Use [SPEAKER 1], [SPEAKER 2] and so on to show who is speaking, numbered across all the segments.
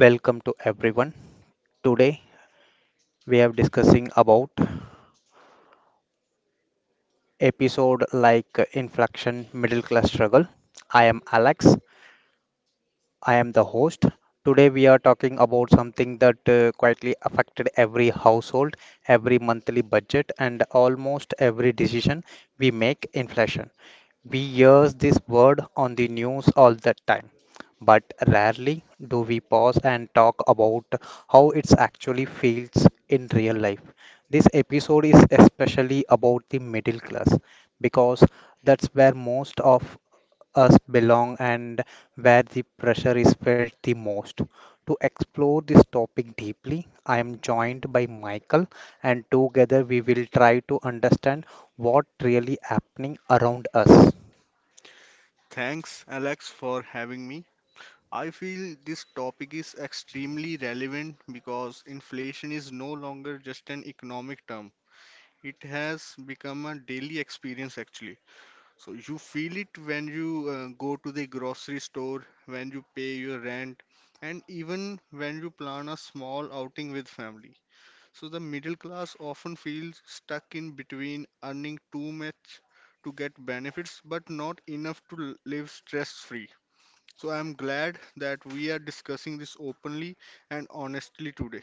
[SPEAKER 1] Welcome to everyone. Today we are discussing about episode like inflection middle class struggle. I am Alex, I am the host. Today we are talking about something that quietly affected every household, every monthly budget, and almost every decision we make inflation. We hear this word on the news all the time, but rarely do we pause and talk about how it actually feels in real life. This episode is especially about the middle class because that's where most of us belong and where the pressure is felt the most. To explore this topic deeply, I am joined by Michael and together we will try to understand what really happening around us.
[SPEAKER 2] Thanks, Alex, for having me. I feel this topic is extremely relevant because inflation is no longer just an economic term. It has become a daily experience actually. So you feel it when you go to the grocery store, when you pay your rent, and even when you plan a small outing with family. So the middle class often feels stuck in between earning too much to get benefits but not enough to live stress free. So I'm glad that we are discussing this openly and honestly today.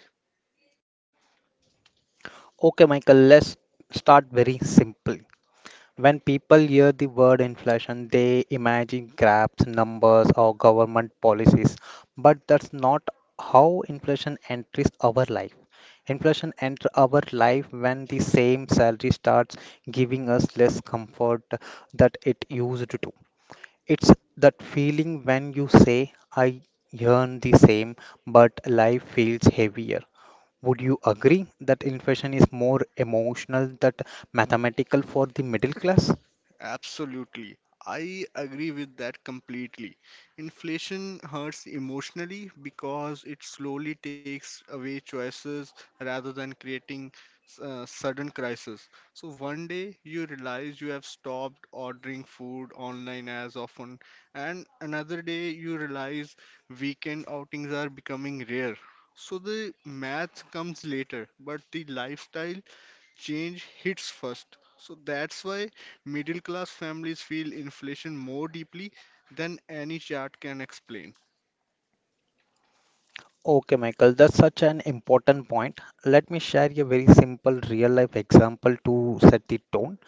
[SPEAKER 1] Okay, Michael, let's start very simple. When people hear the word inflation, they imagine grabs, numbers, or government policies. But that's not how inflation enters our life. Inflation enters our life when the same salary starts giving us less comfort that it used to. It's that feeling when you say, I earn the same, but life feels heavier. Would you agree that inflation is more emotional than mathematical for the middle class?
[SPEAKER 2] Absolutely. I agree with that completely. Inflation hurts emotionally because it slowly takes away choices rather than creating sudden crisis. So one day you realize you have stopped ordering food online as often, and another day you realize weekend outings are becoming rare. So the math comes later, but the lifestyle change hits first. So that's why middle class families feel inflation more deeply than any chart can explain.
[SPEAKER 1] Okay, Michael, that's such an important point. Let me share a very simple real life example to set the tone.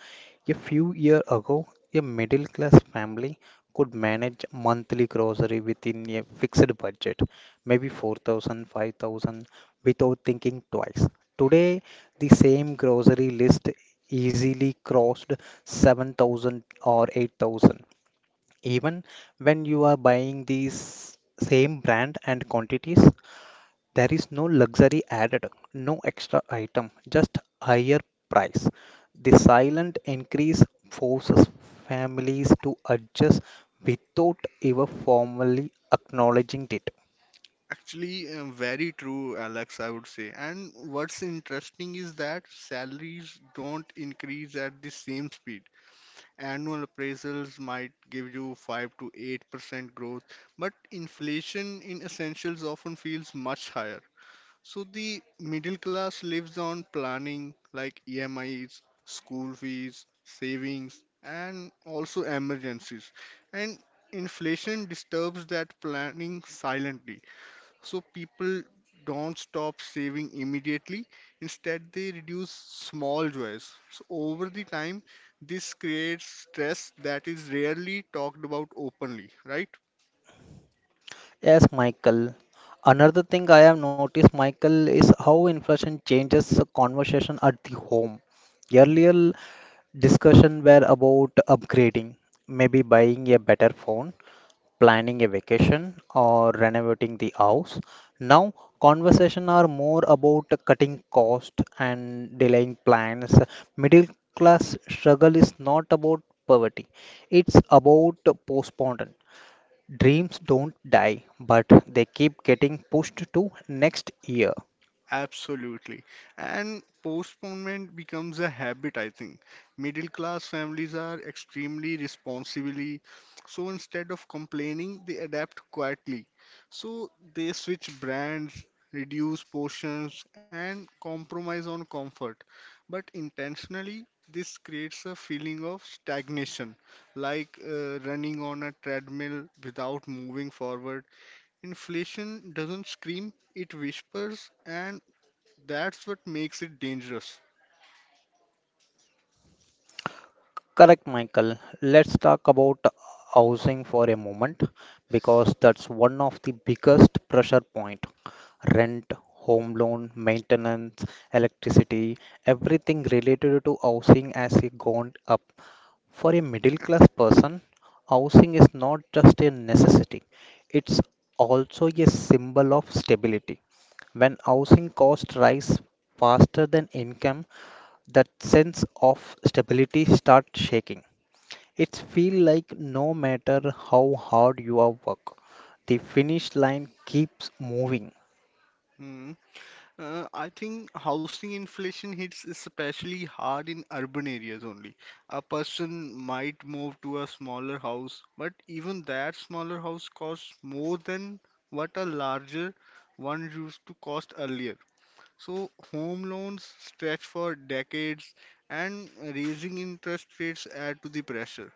[SPEAKER 1] A few years ago, a middle class family could manage monthly grocery within a fixed budget, maybe 4,000, 5,000, without thinking twice. Today, the same grocery list easily crossed 7,000 or 8,000. Even when you are buying these same brand and quantities, there is no luxury added, no extra item, just higher price. The silent increase forces families to adjust without ever formally acknowledging it.
[SPEAKER 2] Actually, very true, Alex, I would say. And what's interesting is that salaries don't increase at the same speed. Annual appraisals might give you 5 to 8% growth, but inflation in essentials often feels much higher. So the middle class lives on planning like EMIs, school fees, savings, and also emergencies. And inflation disturbs that planning silently. So people don't stop saving immediately. Instead, they reduce small joys. So over the time, this creates stress that is rarely talked about openly, right?
[SPEAKER 1] Yes, Michael. Another thing I have noticed, Michael, is how inflation changes the conversation at the home. Earlier discussion were about upgrading, maybe buying a better phone, planning a vacation or renovating the house. Now, conversation are more about cutting cost and delaying plans. Middle class struggle is not about poverty. It's about postponement. Dreams don't die, but they keep getting pushed to next year.
[SPEAKER 2] Absolutely. And postponement becomes a habit, I think. Middle class families are extremely responsibly, so instead of complaining, they adapt quietly. So they switch brands, reduce portions, and compromise on comfort. But intentionally, this creates a feeling of stagnation, like running on a treadmill without moving forward. Inflation doesn't scream, it whispers, and that's what makes it dangerous.
[SPEAKER 1] Correct, Michael. Let's talk about housing for a moment because that's one of the biggest pressure point. Rent, home loan, maintenance, electricity, everything related to housing has gone up. For a middle class person, housing is not just a necessity, it's also a symbol of stability. When housing costs rise faster than income, that sense of stability starts shaking. It feels like no matter how hard you are work, the finish line keeps moving.
[SPEAKER 2] Hmm. I think housing inflation hits especially hard in urban areas only. A person might move to a smaller house, but even that smaller house costs more than what a larger one used to cost earlier. So home loans stretch for decades, and raising interest rates add to the pressure.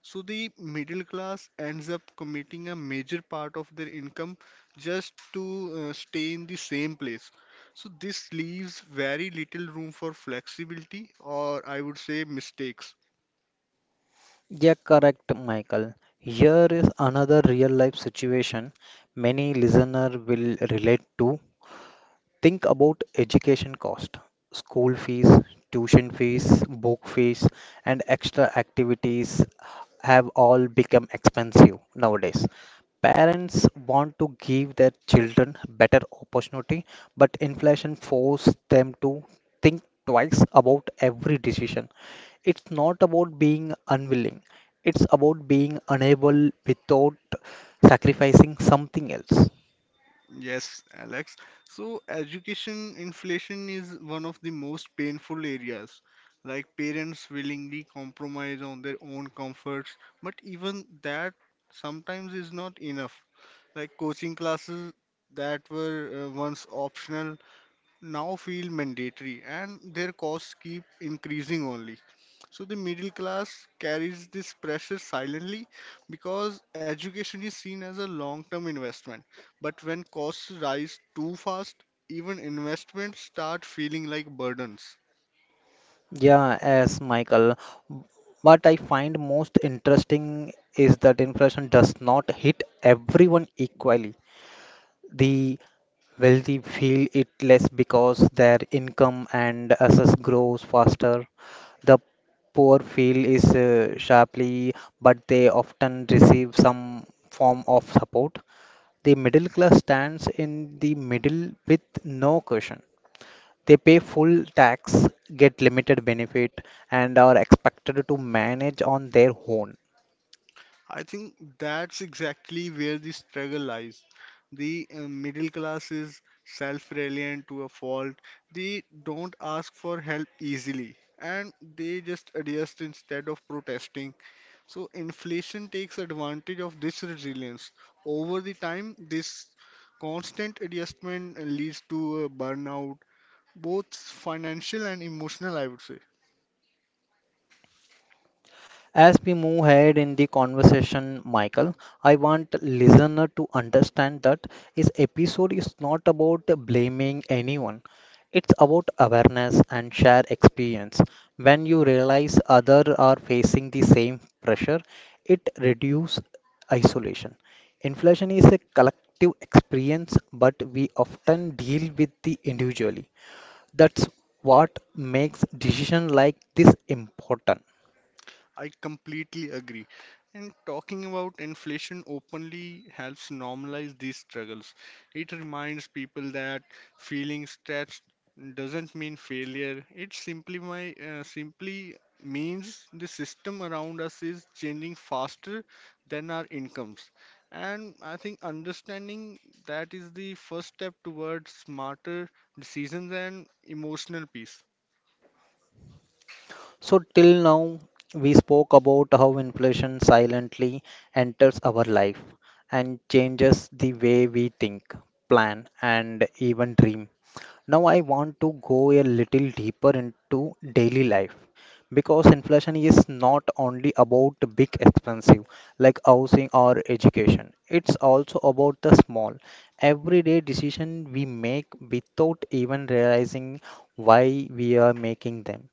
[SPEAKER 2] So the middle class ends up committing a major part of their income just to stay in the same place. So this leaves very little room for flexibility or I would say mistakes.
[SPEAKER 1] Yeah, correct, Michael. Here is another real life situation many listener will relate to. Think about education cost, school fees, tuition fees, book fees, and extra activities have all become expensive nowadays. Parents want to give their children better opportunity, but inflation forces them to think twice about every decision. It's not about being unwilling, it's about being unable without sacrificing something else.
[SPEAKER 2] Yes, Alex. So, education inflation is one of the most painful areas. Like parents willingly compromise on their own comforts, but even that sometimes is not enough. Like coaching classes that were once optional now feel mandatory and their costs keep increasing only. So the middle class carries this pressure silently because education is seen as a long-term investment. But when costs rise too fast, even investments start feeling like burdens.
[SPEAKER 1] Yeah, as Michael. What I find most interesting is that inflation does not hit everyone equally. The wealthy feel it less because their income and assets grows faster. The poor feel is sharply, but they often receive some form of support. The middle class stands in the middle with no cushion. They pay full tax, get limited benefit, and are expected to manage on their own.
[SPEAKER 2] I think that's exactly where the struggle lies. The middle class is self reliant to a fault. They don't ask for help easily and they just adjust instead of protesting. So, inflation takes advantage of this resilience. Over the time, this constant adjustment leads to a burnout, both financial and emotional, I would say.
[SPEAKER 1] As we move ahead in the conversation, Michael, I want listener to understand that this episode is not about blaming anyone. It's about awareness and share experience. When you realize others are facing the same pressure, it reduces isolation. Inflation is a collective experience, but we often deal with it individually. That's what makes decision like this important.
[SPEAKER 2] I completely agree. And talking about inflation openly helps normalize these struggles. It reminds people that feeling stretched doesn't mean failure. It simply means the system around us is changing faster than our incomes. And I think understanding that is the first step towards smarter decisions and emotional peace.
[SPEAKER 1] So, till now, we spoke about how inflation silently enters our life and changes the way we think, plan, and even dream. Now, I want to go a little deeper into daily life because inflation is not only about big expensive like housing or education, it's also about the small everyday decision we make without even realizing why we are making them.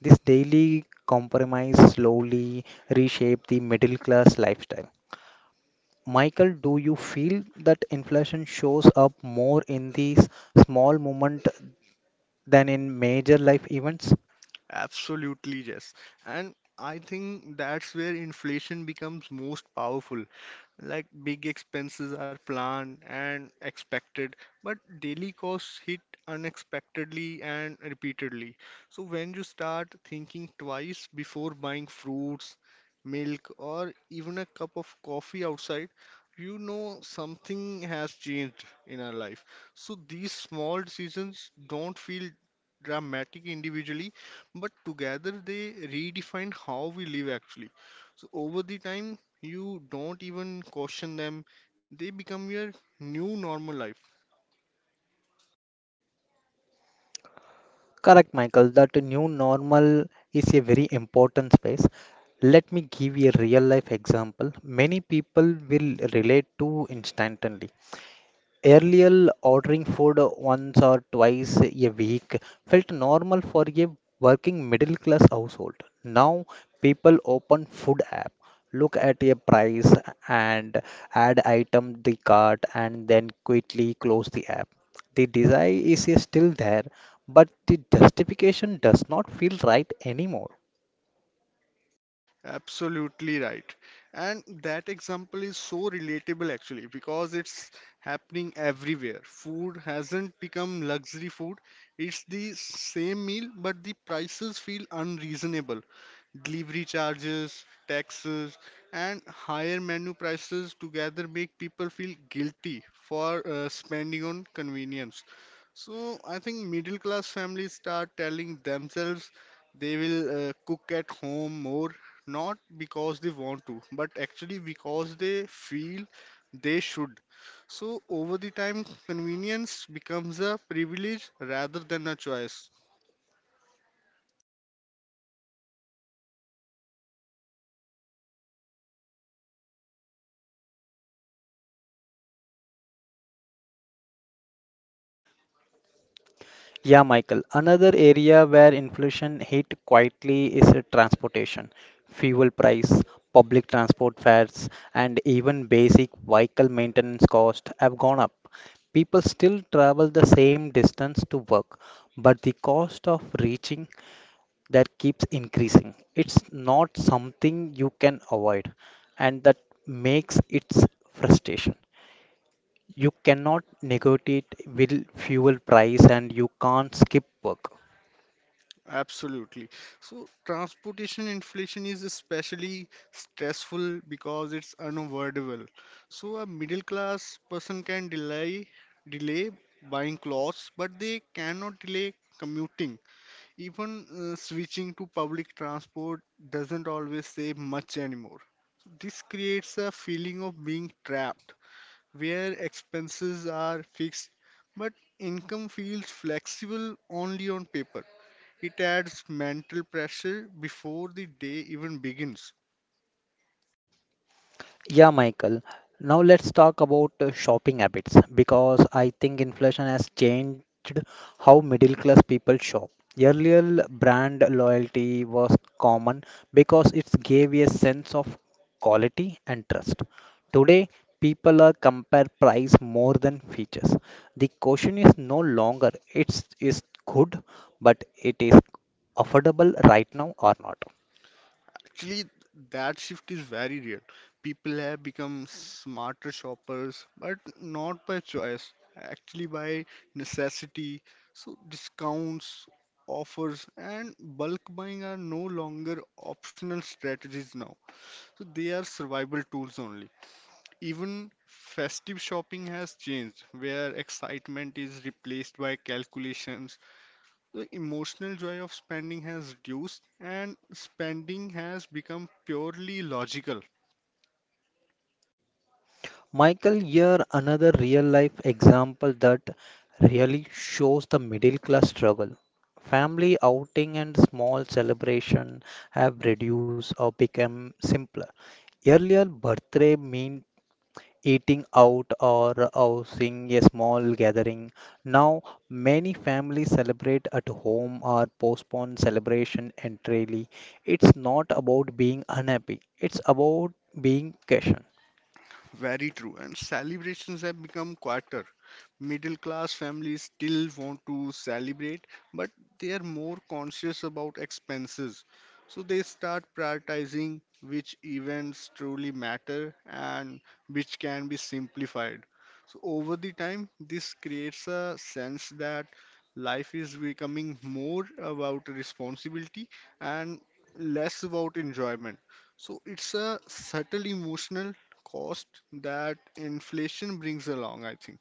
[SPEAKER 1] This daily compromise slowly reshaped the middle class lifestyle. Michael, do you feel that inflation shows up more in these small moments than in major life events?
[SPEAKER 2] Absolutely, yes. And I think that's where inflation becomes most powerful like big expenses are planned and expected, but daily costs hit unexpectedly and repeatedly. So when you start thinking twice before buying fruits, milk, or even a cup of coffee outside, you know something has changed in our life. So these small decisions don't feel dramatic individually, but together they redefine how we live actually. So over the time, you don't even question them, they become your new normal life.
[SPEAKER 1] Correct, Michael, that new normal is a very important space. Let me give you a real life example. Many people will relate to instantly. Earlier, ordering food once or twice a week felt normal for a working middle class household. Now, people open food app, look at a price and add item the cart and then quickly close the app. The desire is still there, but the justification does not feel right anymore.
[SPEAKER 2] Absolutely right. And that example is so relatable actually because it's happening everywhere. Food hasn't become luxury food. It's the same meal, but the prices feel unreasonable. Delivery charges, taxes, and higher menu prices together make people feel guilty for spending on convenience. So I think middle class families start telling themselves they will cook at home more not because they want to, but actually because they feel they should. So, over the time, convenience becomes a privilege rather than a choice.
[SPEAKER 1] Yeah, Michael. Another area where inflation hit quietly is transportation. Fuel price, public transport fares, and even basic vehicle maintenance costs have gone up. People still travel the same distance to work, but the cost of reaching there keeps increasing. It's not something you can avoid, and that makes its frustration. You cannot negotiate will fuel price and you can't skip work.
[SPEAKER 2] Absolutely. So, transportation inflation is especially stressful because it's unavoidable. So, a middle class person can delay buying clothes, but they cannot delay commuting. Even switching to public transport doesn't always save much anymore. This creates a feeling of being trapped, where expenses are fixed but income feels flexible only on paper. It adds mental pressure before the day even begins.
[SPEAKER 1] Yeah, Michael. Now let's talk about shopping habits because I think inflation has changed how middle class people shop. Earlier, brand loyalty was common because it gave a sense of quality and trust. Today, people are compare price more than features. The question is no longer it's is good, but it is affordable right now or not.
[SPEAKER 2] Actually, that shift is very real. People have become smarter shoppers, but not by choice, actually by necessity. So discounts, offers, and bulk buying are no longer optional strategies now. So they are survival tools only. Even festive shopping has changed, where excitement is replaced by calculations. The emotional joy of spending has reduced, and spending has become purely logical.
[SPEAKER 1] Michael, here another real life example that really shows the middle class struggle. Family outing and small celebration have reduced or become simpler. Earlier, birthday meant eating out or hosting a small gathering. Now, many families celebrate at home or postpone celebration entirely. It's not about being unhappy, it's about being patient.
[SPEAKER 2] Very true. And celebrations have become quieter. Middle class families still want to celebrate, but they are more conscious about expenses. So they start prioritizing which events truly matter and which can be simplified. So over the time, this creates a sense that life is becoming more about responsibility and less about enjoyment. So it's a subtle emotional cost that inflation brings along, I think.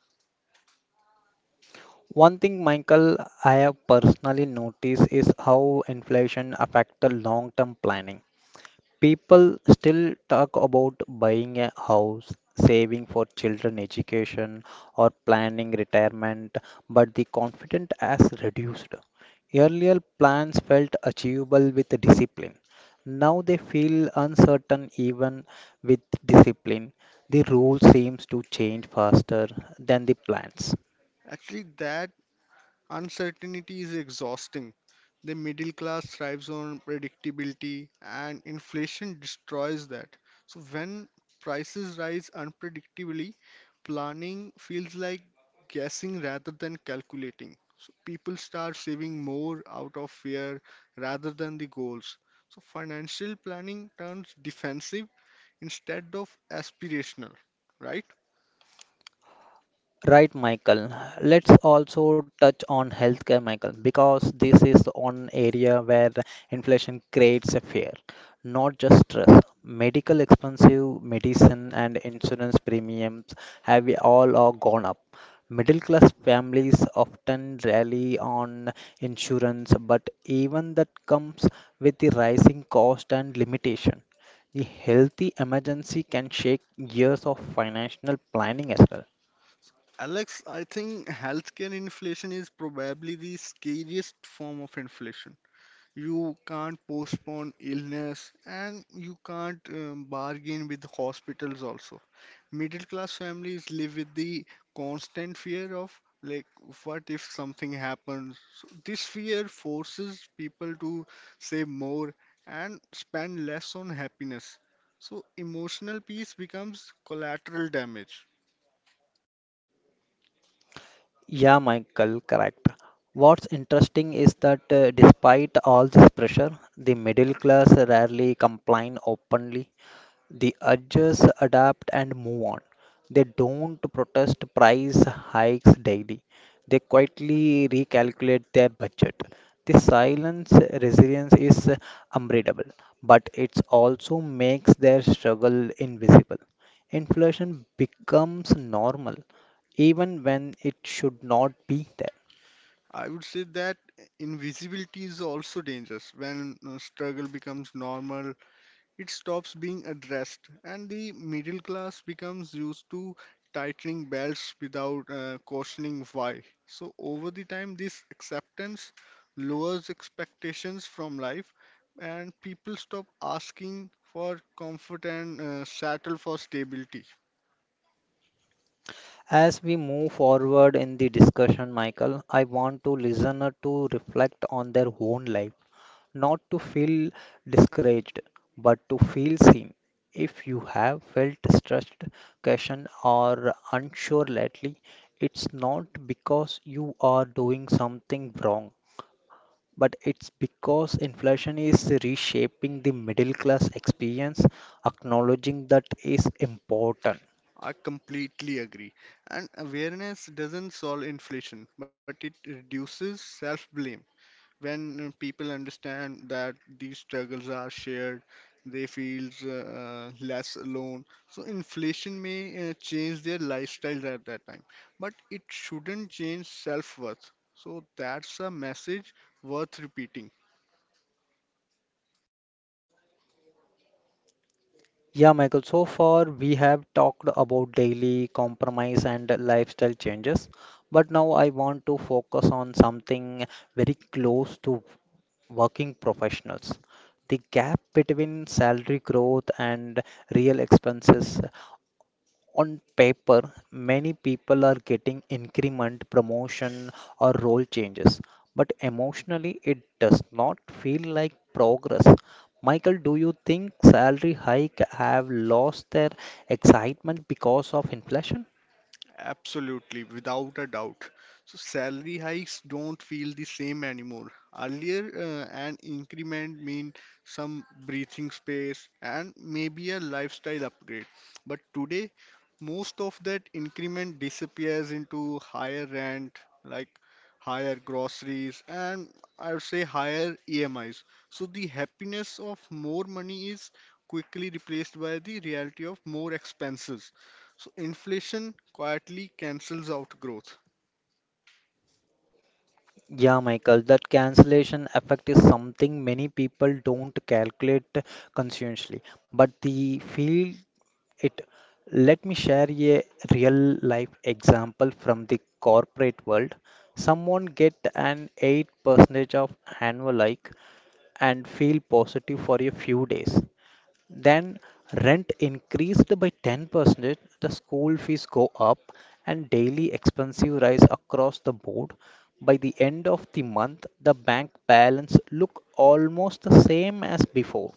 [SPEAKER 1] One thing, Michael, I have personally noticed is how inflation affects the long-term planning. People still talk about buying a house, saving for children education, or planning retirement, but the confidence has reduced. Earlier plans felt achievable with discipline. Now they feel uncertain even with discipline. The rule seems to change faster than the plans.
[SPEAKER 2] Actually, that uncertainty is exhausting. The middle class thrives on predictability, and inflation destroys that. So, when prices rise unpredictably, planning feels like guessing rather than calculating. So, people start saving more out of fear rather than the goals. So, financial planning turns defensive instead of aspirational, right?
[SPEAKER 1] Right, Michael. Let's also touch on healthcare, Michael, because this is the one area where inflation creates a fear, not just stress. Medical expensive medicine and insurance premiums have all are gone up. Middle class families often rely on insurance, but even that comes with the rising cost and limitation. The healthy emergency can shake years of financial planning as well.
[SPEAKER 2] Alex, I think healthcare inflation is probably the scariest form of inflation. You can't postpone illness and you can't bargain with hospitals also. Middle class families live with the constant fear of like what if something happens? So this fear forces people to save more and spend less on happiness. So emotional peace becomes collateral damage.
[SPEAKER 1] Yeah, Michael, correct. What's interesting is that despite all this pressure, the middle class rarely complain openly. The urges adapt, and move on. They don't protest price hikes daily. They quietly recalculate their budget. This silence resilience is unbreakable, but it also makes their struggle invisible. Inflation becomes normal, even when it should not be there.
[SPEAKER 2] I would say that invisibility is also dangerous. When struggle becomes normal, it stops being addressed, and the middle class becomes used to tightening belts without questioning why. So, over the time, this acceptance lowers expectations from life, and people stop asking for comfort and settle for stability.
[SPEAKER 1] As we move forward in the discussion, Michael, I want to listener to reflect on their own life, not to feel discouraged, but to feel seen. If you have felt stressed, questioned, or unsure lately, it's not because you are doing something wrong, but it's because inflation is reshaping the middle class experience. Acknowledging that is important.
[SPEAKER 2] I completely agree. And awareness doesn't solve inflation, but it reduces self blame. When people understand that these struggles are shared, they feel less alone. So, inflation may change their lifestyles at that time, but it shouldn't change self worth. So, that's a message worth repeating.
[SPEAKER 1] Yeah, Michael, so far we have talked about daily compromise and lifestyle changes, but now I want to focus on something very close to working professionals. The gap between salary growth and real expenses on paper, many people are getting increment, promotion, or role changes, but emotionally, it does not feel like progress. Michael, do you think salary hike have lost their excitement because of inflation?
[SPEAKER 2] Absolutely, without a doubt. So salary hikes don't feel the same anymore. Earlier, an increment meant some breathing space and maybe a lifestyle upgrade. But today, most of that increment disappears into higher rent, like higher groceries, and I would say higher EMIs. So the happiness of more money is quickly replaced by the reality of more expenses. So inflation quietly cancels out growth.
[SPEAKER 1] Yeah, Michael, that cancellation effect is something many people don't calculate consciously, but they feel it. Let me share a real life example from the corporate world. Someone get an 8% of annual hike and feel positive for a few days. Then rent increased by 10%, the school fees go up and daily expenses rise across the board. By the end of the month, the bank balance look almost the same as before.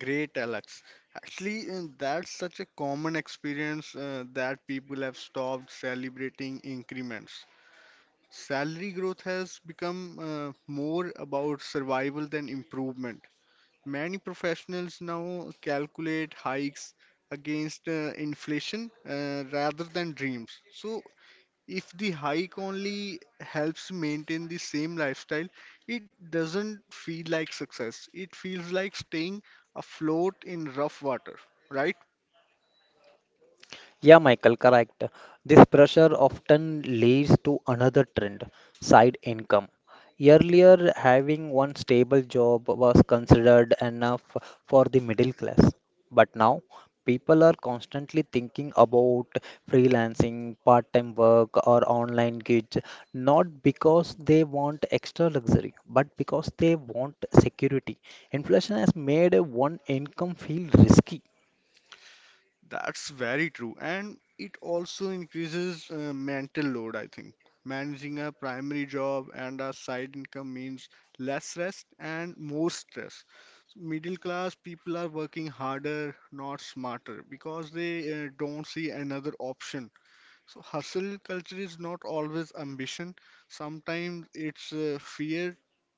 [SPEAKER 2] Great, Alex. Actually, that's such a common experience that people have stopped celebrating increments. Salary growth has become more about survival than improvement. Many professionals now calculate hikes against inflation rather than dreams. So if the hike only helps maintain the same lifestyle, it doesn't feel like success. It feels like staying afloat in rough water, right?
[SPEAKER 1] Yeah, Michael, correct. This pressure often leads to another trend, side income. Earlier, having one stable job was considered enough for the middle class. But now, people are constantly thinking about freelancing, part-time work, or online gigs, not because they want extra luxury, but because they want security. Inflation has made one income feel risky.
[SPEAKER 2] That's very true. And it also increases mental load, I think. Managing a primary job and a side income means less rest and more stress. So, middle class people are working harder, not smarter, because they don't see another option. So hustle culture is not always ambition. Sometimes it's fear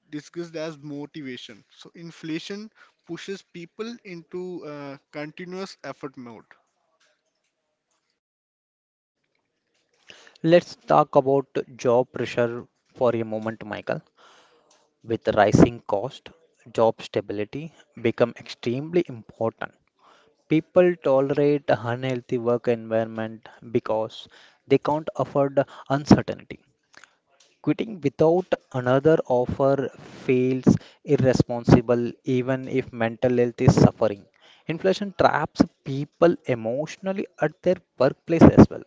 [SPEAKER 2] disguised as motivation. So inflation pushes people into continuous effort mode.
[SPEAKER 1] Let's talk about job pressure for a moment, Michael. With rising cost, job stability become extremely important. People tolerate unhealthy work environment because they can't afford uncertainty. Quitting without another offer feels irresponsible even if mental health is suffering. Inflation traps people emotionally at their workplace as well.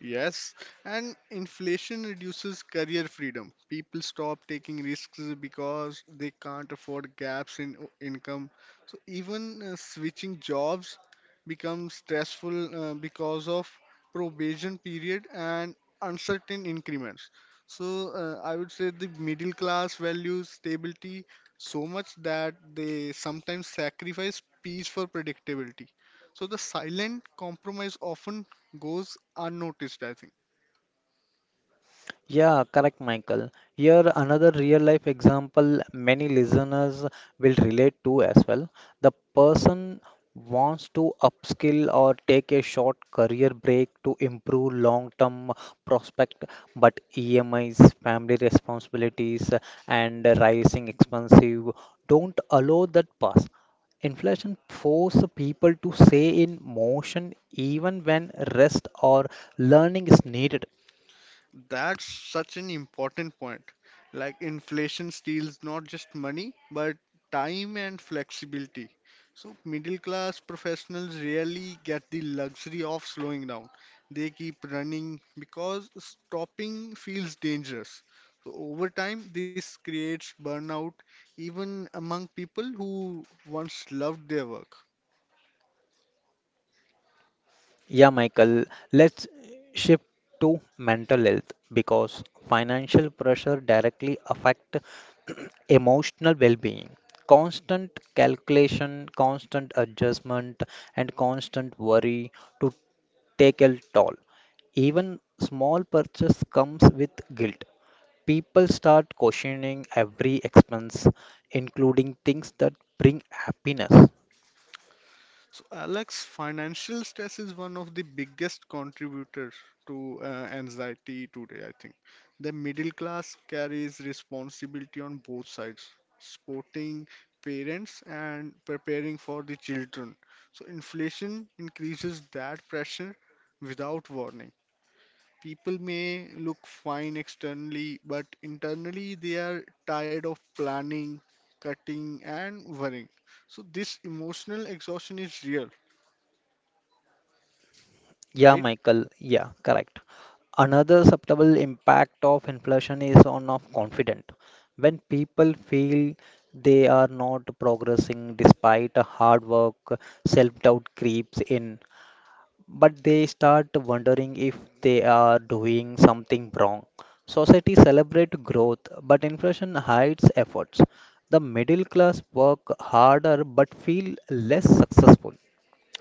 [SPEAKER 2] Yes, and inflation reduces career freedom. People stop taking risks because they can't afford gaps in income. So even switching jobs becomes stressful because of probation period and uncertain increments. So I would say the middle class values stability so much that they sometimes sacrifice peace for predictability. So the silent compromise often goes unnoticed, I think.
[SPEAKER 1] Yeah, correct, Michael. Here, another real life example many listeners will relate to as well. The person wants to upskill or take a short career break to improve long term prospect, but EMIs, family responsibilities, and rising expenses don't allow that pass. Inflation forces people to stay in motion even when rest or learning is needed.
[SPEAKER 2] That's such an important point. Like inflation steals not just money, but time and flexibility. So middle class professionals rarely get the luxury of slowing down. They keep running because stopping feels dangerous. So over time, this creates burnout even among people who once loved their work.
[SPEAKER 1] Yeah, Michael, let's shift to mental health because financial pressure directly affect emotional well-being. Constant calculation, constant adjustment, and constant worry to take a toll. Even small purchase comes with guilt. People start questioning every expense, including things that bring happiness.
[SPEAKER 2] So, Alex, financial stress is one of the biggest contributors to anxiety today, I think. The middle class carries responsibility on both sides, supporting parents and preparing for the children. So, inflation increases that pressure without warning. People may look fine externally, but internally they are tired of planning, cutting, and worrying. So, this emotional exhaustion is real
[SPEAKER 1] Yeah,
[SPEAKER 2] right?
[SPEAKER 1] Michael. Yeah, correct. Another subtle impact of inflation is on of confidence. When people feel they are not progressing despite a hard work, self-doubt creeps in, but they start wondering if they are doing something wrong. Society celebrate growth, but inflation hides efforts. The middle class work harder but feel less successful.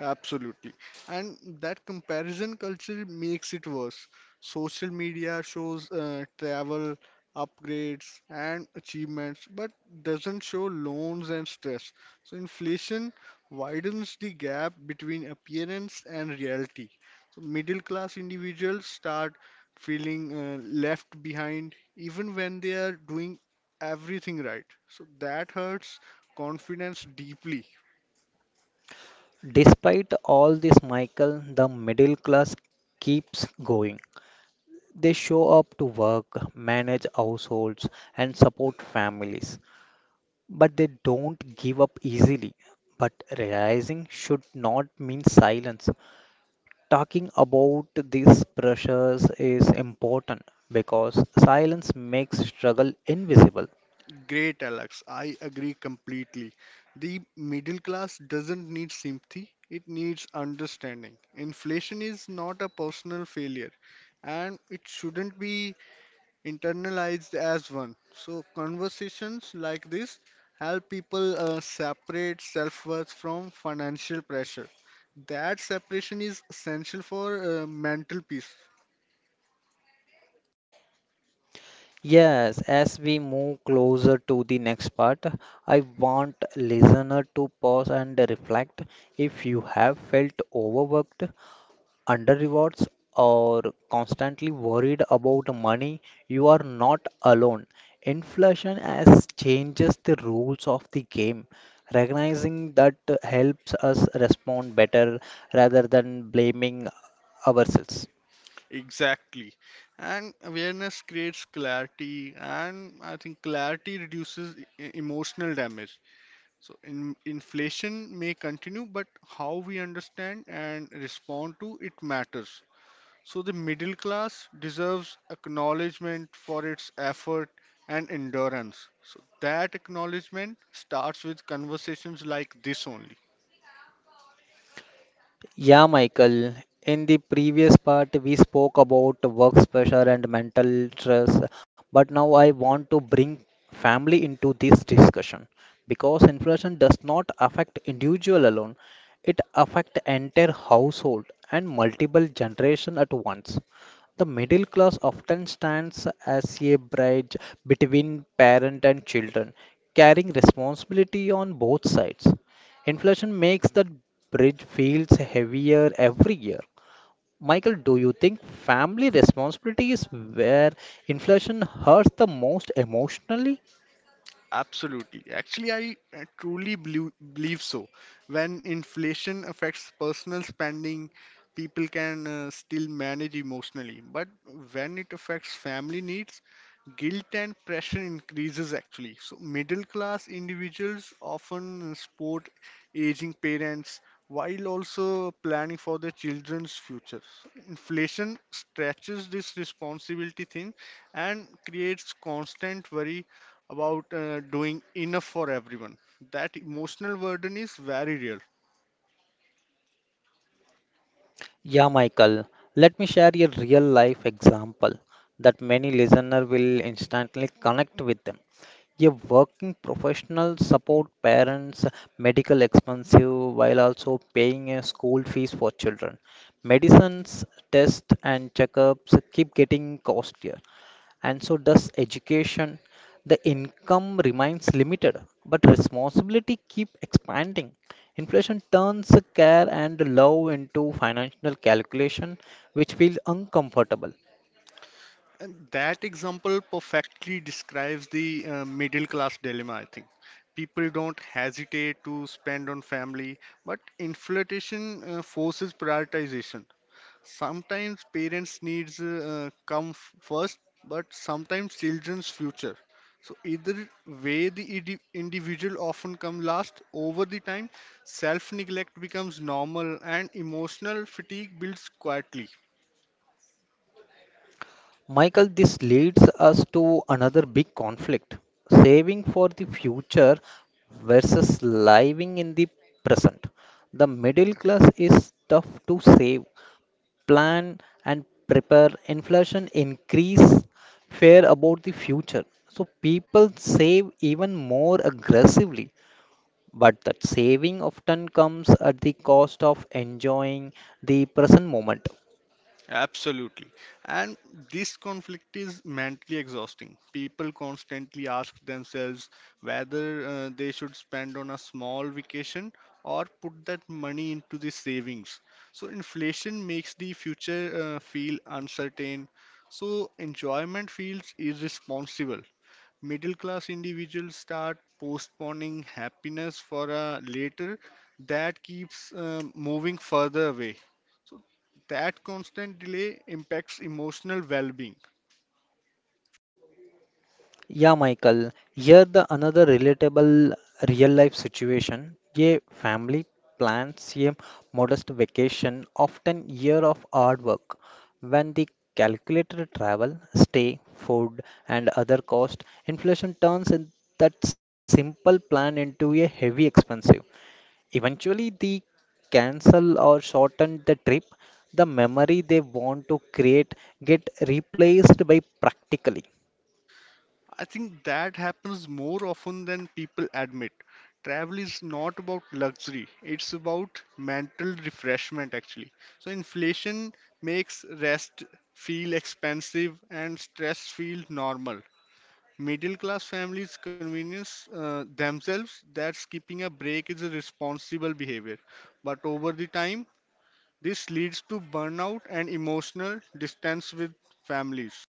[SPEAKER 2] Absolutely. And that comparison culture makes it worse. Social media shows travel, upgrades, and achievements, but doesn't show loans and stress. So inflation widens the gap between appearance and reality. So middle class individuals start feeling left behind even when they are doing everything right. So that hurts confidence deeply.
[SPEAKER 1] Despite all this, Michael, the middle class keeps going. They show up to work, manage households, and support families. But they don't give up easily. But realizing should not mean silence. Talking about these pressures is important because silence makes struggle invisible.
[SPEAKER 2] Great, Alex. I agree completely. The middle class doesn't need sympathy, it needs understanding. Inflation is not a personal failure and it shouldn't be internalized as one. So, conversations like this help people separate self worth from financial pressure. That separation is essential for mental peace.
[SPEAKER 1] Yes, as we move closer to the next part, I want listener to pause and reflect if you have felt overworked, under rewards, or constantly worried about money, you are not alone. Inflation has changes the rules of the game. Recognizing that helps us respond better rather than blaming ourselves.
[SPEAKER 2] Exactly. And awareness creates clarity, and I think clarity reduces emotional damage. So, inflation may continue, but how we understand and respond to it matters. So, the middle class deserves acknowledgement for its effort and endurance. So, that acknowledgement starts with conversations like this only.
[SPEAKER 1] Yeah, Michael. In the previous part, we spoke about work pressure and mental stress, but now I want to bring family into this discussion because inflation does not affect individual alone. It affects entire household and multiple generation at once. The middle class often stands as a bridge between parent and children, carrying responsibility on both sides. Inflation makes that bridge feels heavier every year. Michael, do you think family responsibility is where inflation hurts the most emotionally?
[SPEAKER 2] Absolutely. Actually, I truly believe so. When inflation affects personal spending, people can still manage emotionally. But when it affects family needs, guilt and pressure increases actually. So, middle class individuals often support aging parents while also planning for their children's futures. Inflation stretches this responsibility thing and creates constant worry about doing enough for everyone. That emotional burden is very real.
[SPEAKER 1] Yeah, Michael, let me share a real life example that many listeners will instantly connect with them. A working professional support parents medical expensive while also paying a school fees for children. Medicines, tests and checkups keep getting costlier. And so does education. The income remains limited, but responsibility keep expanding. Inflation turns care and love into financial calculation, which feels uncomfortable.
[SPEAKER 2] And that example perfectly describes the middle class dilemma, I think. People don't hesitate to spend on family, but inflation forces prioritization. Sometimes parents' needs come first, but sometimes children's future. So either way, the individual often come last. Over the time, self-neglect becomes normal, and emotional fatigue builds quietly.
[SPEAKER 1] Michael, this leads us to another big conflict: saving for the future versus living in the present. The middle class is tough to save plan and prepare, inflation increase fear about the future. So people save even more aggressively. But that saving often comes at the cost of enjoying the present moment.
[SPEAKER 2] Absolutely. And this conflict is mentally exhausting. People constantly ask themselves whether they should spend on a small vacation or put that money into the savings. So, inflation makes the future feel uncertain. So, enjoyment feels irresponsible middle class individuals start postponing happiness for a later that keeps moving further away so that constant delay impacts emotional well-being.
[SPEAKER 1] Yeah, Michael, here the another relatable real life situation. A family plans a modest vacation, often year of hard work. When the calculated travel, stay, food, and other cost, inflation turns in that simple plan into a heavy expensive. Eventually, they cancel or shorten the trip. The memory they want to create get replaced by practically.
[SPEAKER 2] I think that happens more often than people admit. Travel is not about luxury, it's about mental refreshment actually. So inflation makes rest feel expensive and stress feel normal. Middle class families convenience themselves that skipping a break is a responsible behavior. But over the time, this leads to burnout and emotional distance with families.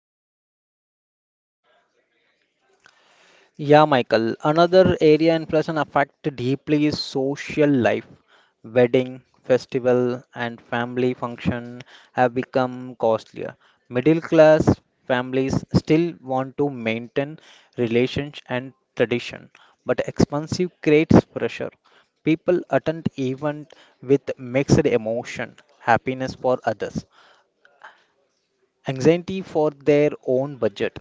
[SPEAKER 1] Yeah, Michael. Another area inflation affect deeply is social life. Wedding, festival, and family function have become costlier. Middle class families still want to maintain relationship and tradition, but expensive creates pressure. People attend event with mixed emotion, happiness for others, anxiety for their own budget.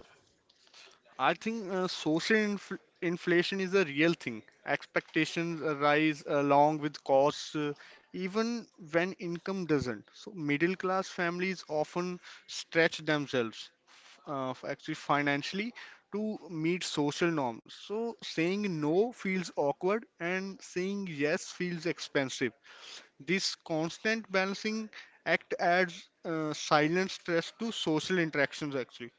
[SPEAKER 2] I think social inflation is a real thing. Expectations rise along with costs, even when income doesn't. So, middle class families often stretch themselves actually financially to meet social norms. So, saying no feels awkward and saying yes feels expensive. This constant balancing act adds silent stress to social interactions, actually.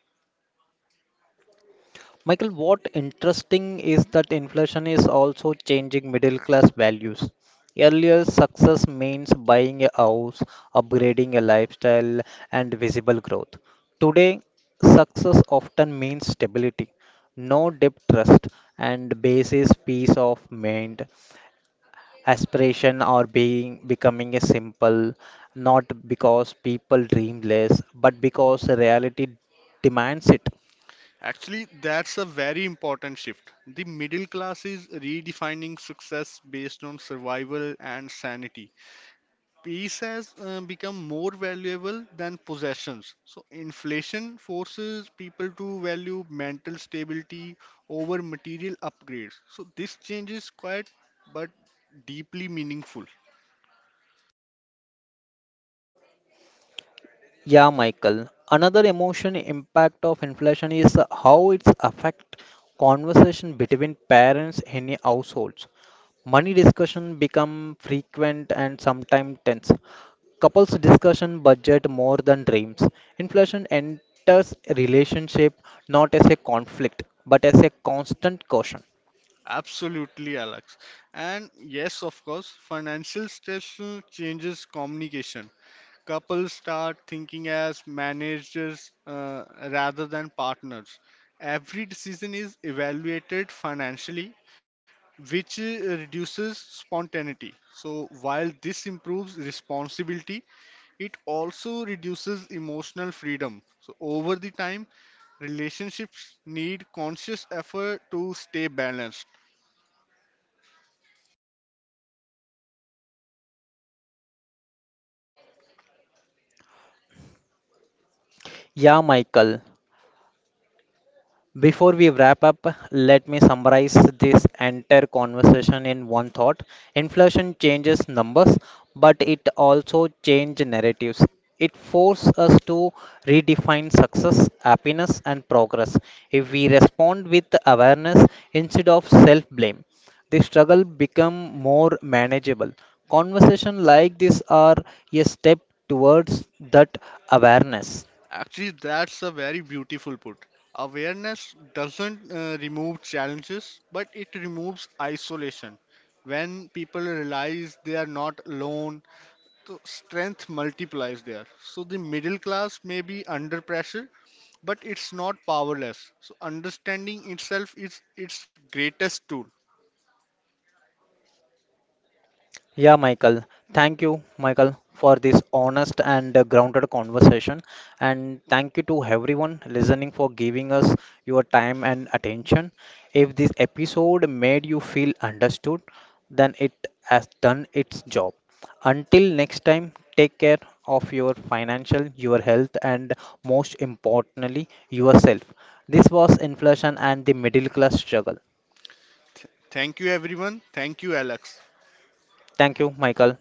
[SPEAKER 1] Michael, what interesting is that inflation is also changing middle class values. Earlier, success means buying a house, upgrading a lifestyle, and visible growth. Today, success often means stability, no deep trust, and basis peace of mind. Aspiration are being becoming a simple, not because people dream less, but because reality demands it.
[SPEAKER 2] Actually, that's a very important shift. The middle class is redefining success based on survival and sanity. Peace has become more valuable than possessions. So, inflation forces people to value mental stability over material upgrades. So, this change is quiet but deeply meaningful.
[SPEAKER 1] Yeah, Michael. Another emotion impact of inflation is how it's affect conversation between parents in households. Money discussion become frequent and sometimes tense. Couples discussion budget more than dreams. Inflation enters relationship not as a conflict but as a constant caution.
[SPEAKER 2] Absolutely, Alex. And yes, of course, financial stress changes communication. Couples start thinking as managers rather than partners. Every decision is evaluated financially, which reduces spontaneity. So, while this improves responsibility, it also reduces emotional freedom. So, over the time, relationships need conscious effort to stay balanced.
[SPEAKER 1] Yeah, Michael. Before we wrap up, let me summarize this entire conversation in one thought. Inflation changes numbers, but it also changes narratives. It forces us to redefine success, happiness, and progress. If we respond with awareness instead of self blame, the struggle becomes more manageable. Conversations like this are a step towards that awareness.
[SPEAKER 2] Actually, that's a very beautiful put. Awareness doesn't remove challenges, but it removes isolation. When people realize they are not alone, so strength multiplies there. So the middle class may be under pressure, but it's not powerless. So understanding itself is its greatest tool.
[SPEAKER 1] Yeah, Michael. Thank you, Michael, for this honest and grounded conversation. And thank you to everyone listening for giving us your time and attention. If this episode made you feel understood, then it has done its job. Until next time, take care of your financial, your health, and most importantly, yourself. This was Inflation and the Middle Class Struggle.
[SPEAKER 2] Thank you, everyone. Thank you, Alex.
[SPEAKER 1] Thank you, Michael.